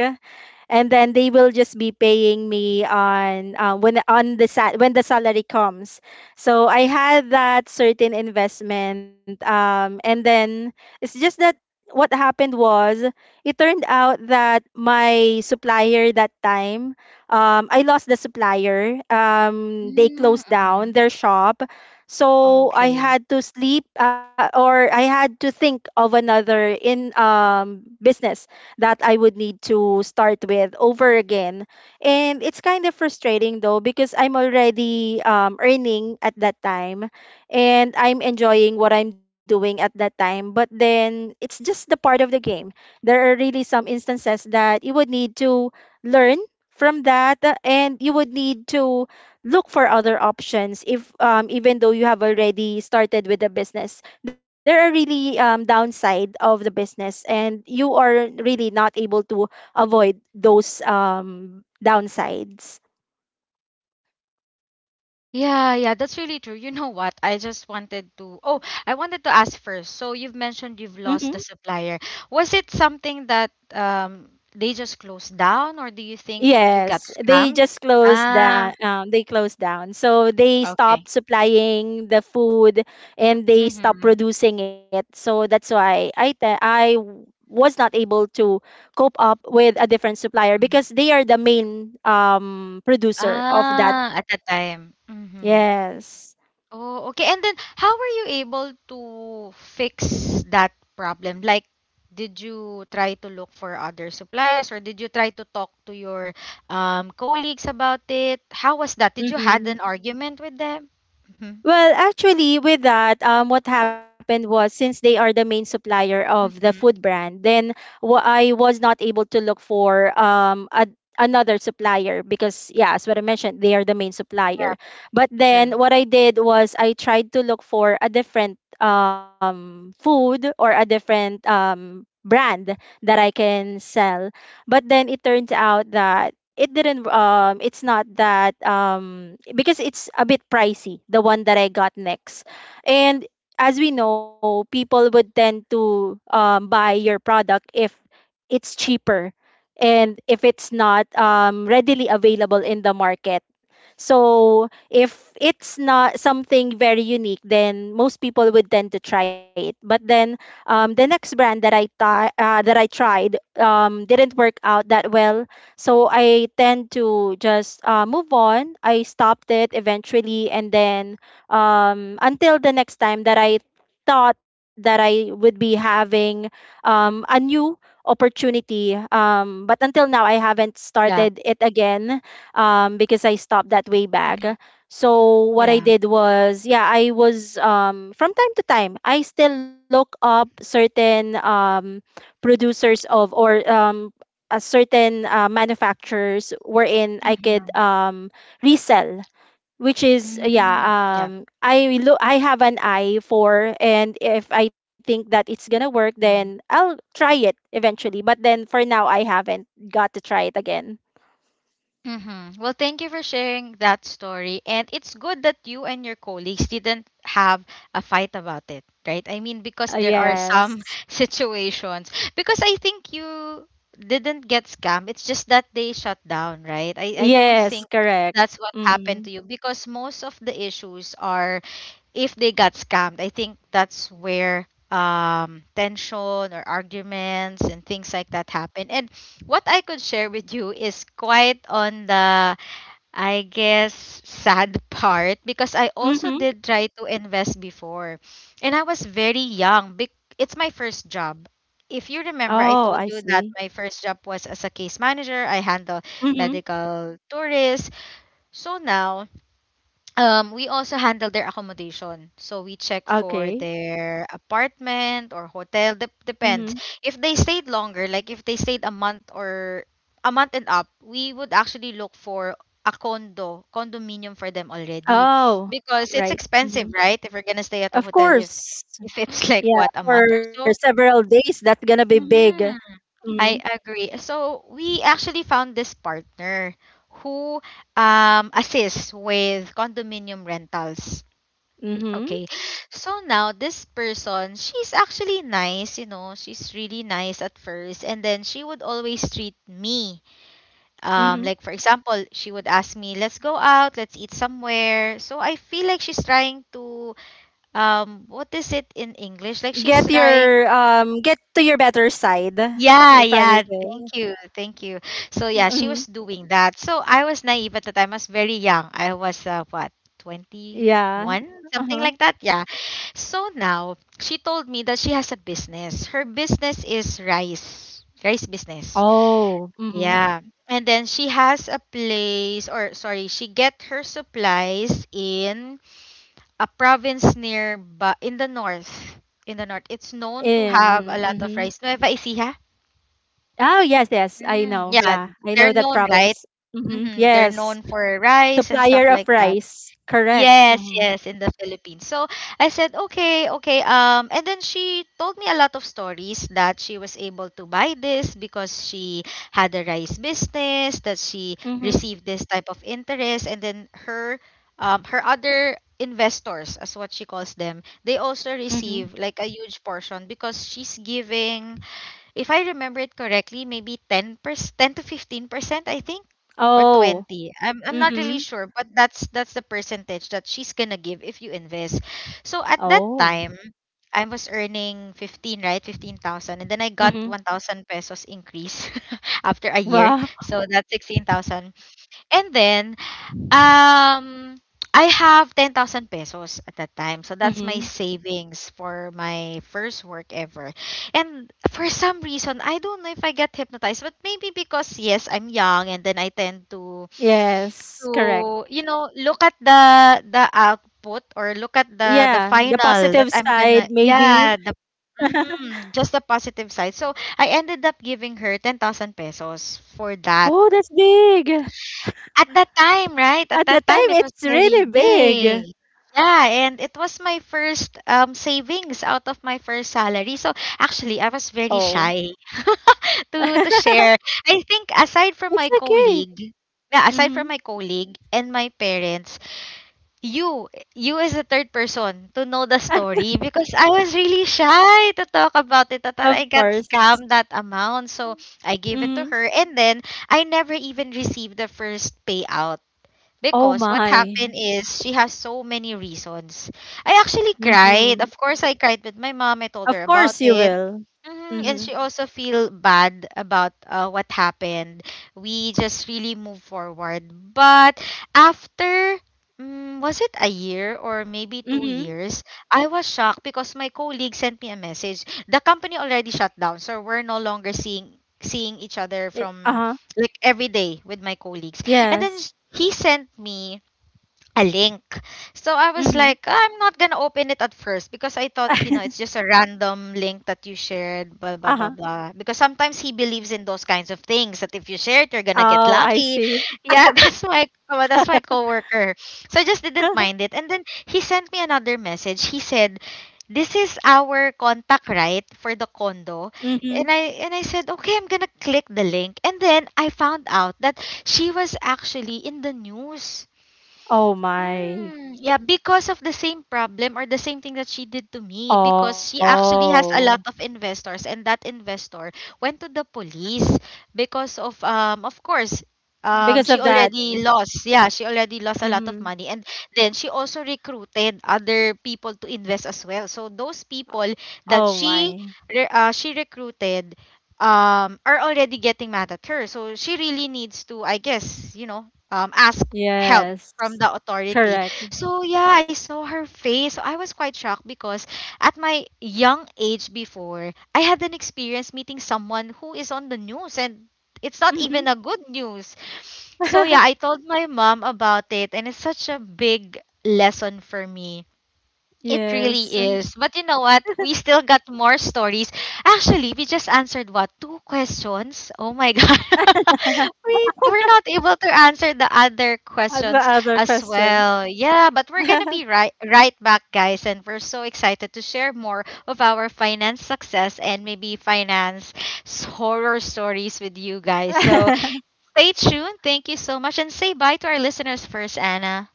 and then they will just be paying me on, when, on the when the salary comes. So I had that certain investment, and then it's just that what happened was, it turned out that my supplier that time, I lost the supplier. They closed Mm-hmm. down their shop, so I Okay. had to sleep, or I had to think of another in business that I would need to start with over again. And it's kind of frustrating though because I'm already, earning at that time, and I'm enjoying what I'm doing at that time. But then it's just the part of the game. There are really some instances that you would need to learn from that. And you would need to look for other options if even though you have already started with the business, there are really downside of the business and you are really not able to avoid those downsides. Yeah, yeah, that's really true. You know what? I just wanted to. Oh, I wanted to ask first. So you've mentioned you've Hmm, lost the supplier. Was it something that they just closed down, or do you think you got yes, they scammed? just closed Ah, down, they closed down, so they okay. stopped supplying the food and they stopped Mm-hmm. producing it. So that's why I was not able to cope up with a different supplier Mm-hmm. because they are the main producer of that. Ah, at that time. Mhm. Yes. Oh, okay. And then how were you able to fix that problem? Like, did you try to look for other suppliers or did you try to talk to your colleagues about it? How was that? Did you had Mm-hmm. an argument with them? Mhm. Well, actually, with that, what happened was, since they are the main supplier of the food Mhm. brand, then I was not able to look for another supplier because, yeah, as what I mentioned, they are the main Yeah. supplier. But True. then what I did was I tried to look for a different food or a different brand that I can sell. But then it turns out that it didn't it's not that because it's a bit pricey, the one that I got next. And as we know, people would tend to buy your product if it's cheaper and if it's not readily available in the market. So if it's not something very unique, then most people would tend to try it. But then the next brand that that I tried didn't work out that well. So I tend to just move on. I stopped it eventually, and then until the next time that I thought that I would be having a new opportunity. But until now, I haven't Yeah. started it again because I stopped that way back. Mhm. So what I Yeah. did was, yeah, I was from time to time I still look up certain producers of or a certain manufacturers wherein I could Mhm. Resell, which is yeah, Mm, yeah. I look, I have an eye for, and if I think that it's gonna work, then I'll try it eventually. But then for now, I haven't got to try it again. Mm-hmm. Well, thank you for sharing that story. And it's good that you and your colleagues didn't have a fight about it, right? I mean, because there are Yes. some situations. Because I think you didn't get scammed. It's just that they shut down, right? I don't Yes, think correct. that's what happened Mhm. to you because most of the issues are if they got scammed, I think that's where tension or arguments and things like that happen. And what I could share with you is quite on the, I guess, sad part because I also Mhm. did try to invest before. And I was very young. Bec- it's my first job. If you remember, Oh, I I told you see. that my first job was as a case manager. I handle Mhm. medical tourists. So now, we also handle their accommodation. So we check for Okay. their apartment or hotel. Dep Mhm. depends. If they stayed longer, like if they stayed a month or a month and up, we would actually look for a condo, condominium for them already. Oh, Because it's right. expensive, Mhm. right? If we're gonna stay at a Of hotel, if course. if it's like Yeah, what, a month or for so. several days that's gonna be big. hmm I Mhm. agree. So we actually found this partner who assists with condominium rentals. Okay. Mhm. So now this person, she's actually nice, you know, she's really nice at first and then she would always treat me. Um, like for Mhm. example, she would ask me, "Let's go out, let's eat somewhere." So I feel like she's trying to what is it in English? Like she's Get trying, your get to your better side, yeah, if I may yeah. say. Thank you. Thank you. So yeah, she was Mhm. doing that. So I was naive at the time. I was very young. I was what, 21, Yeah. something like Uh-huh. that. Yeah. So now she told me that she has a business. Her business is rice. Rice business. Oh. Mhm. Yeah. And then she has a place or sorry, she get her supplies in a province near ba in the north. In the north. It's known to In. have a lot Mhm. of rice. Nueva Ecija. Oh, yes, yes. I Mm, know. yeah, Yeah. I know they're that known, right? province. Mm-hmm. They're Yes. known for rice and Supplier stuff of like that. rice. Correct. Yes, Mm-hmm. yes, in the Philippines. So I said, okay, okay. And then she told me a lot of stories that she was able to buy this because she had a rice business, that she Mm-hmm. received this type of interest, and then her other investors, as what she calls them, they also Mm-hmm. receive like a huge portion because she's giving, if I remember it correctly, maybe 10%, 10 to 15%, I think, or Oh. 20. I'm not really Mm-hmm. sure, but that's the percentage that she's gonna give if you invest. So at that Oh. time, I was earning 15, right? 15,000, and then I Mm-hmm. got 1,000 pesos increase after a year. Wow. So that's 16,000. And then, um, I have 10,000 pesos at that time. So that's my Mm-hmm. savings for my first work ever. And for some reason, I don't know if I get hypnotized, but maybe because yes, I'm young, and then I tend to Yes. Correct. to you know, look at the output or look at the Yeah. The final that positive I'm gonna, side, maybe. yeah, the just the positive side. So I ended up giving her 10,000 pesos for that. Oh, that's big. At that time, right? At At the that time, time, it was it's very really big. big. Yeah, and it was my first, savings out of my first salary. So actually, I was very Oh. shy to It's share. I think aside from my okay. colleague, yeah, aside from Mm-hmm. my colleague and my parents, you as a third person to know the story, because I was really shy to talk about Of it. That I course. got scammed that amount, so I gave it Mm-hmm. to her, and then I never even received the first payout. Oh, Because what happened my. is she has so many reasons. I actually cried. Of Mhm. course, I cried with my mom. I told her Of about course you it. will. Mhm. And she Mhm. also feel bad about what happened. We just really move forward. But after, mm, was it a year or maybe two Mhm. years, I was shocked because my colleague sent me a message. The company already shut down, so we're no longer seeing each Eh, other from uh-huh. like every day with my colleagues. And then Yes. He sent me a link. So I was Mhm. like, I'm not gonna open it at first because I thought, you know, it's just a random link that you shared, blah Uh-huh. blah blah blah. Because sometimes he believes in those kinds of things that if you share it, you're gonna Oh, get I lucky. see. Yeah, that's my coworker. So I just didn't mind it. And then he sent me another message. He said, this is our contact, right, for the condo. Mhm. And I said, okay, I'm gonna click the link. And then I found out that she was actually in the news. Oh my. Mm, yeah, because of the same problem or the same thing that she did to me, because she actually Oh. has a lot of investors, and that investor went to the police because of, of course, Because of she that. already lost. Yeah, she already lost a lot of Mhm. money, and then she also recruited other people to invest as well. So those people Oh that my. She recruited are already getting mad at her. So she really needs to, I guess, you know, ask help Yes. from the authority. Correct. So yeah, I saw her face. So I was quite shocked because at my young age before, I had an experience meeting someone who is on the news, and it's not Mhm. even a good news. So yeah, I told my mom about it, and it's such a big lesson for me, it Yes. really is. But you know what? We still got more stories. Actually, we just answered what? Two questions? Oh my god. We're not able to answer the other the questions other as questions. well. Yeah, but we're going to be right back, guys, and we're so excited to share more of our finance success and maybe horror stories with you guys. So, stay tuned. Thank you so much, and say bye to our listeners first, Anna.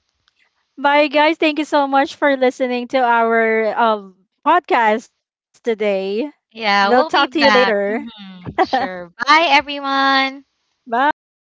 Bye, guys. Thank you so much for listening to our podcast today. We'll talk Yeah, to you we'll be later. back. Sure. Bye, everyone. Bye.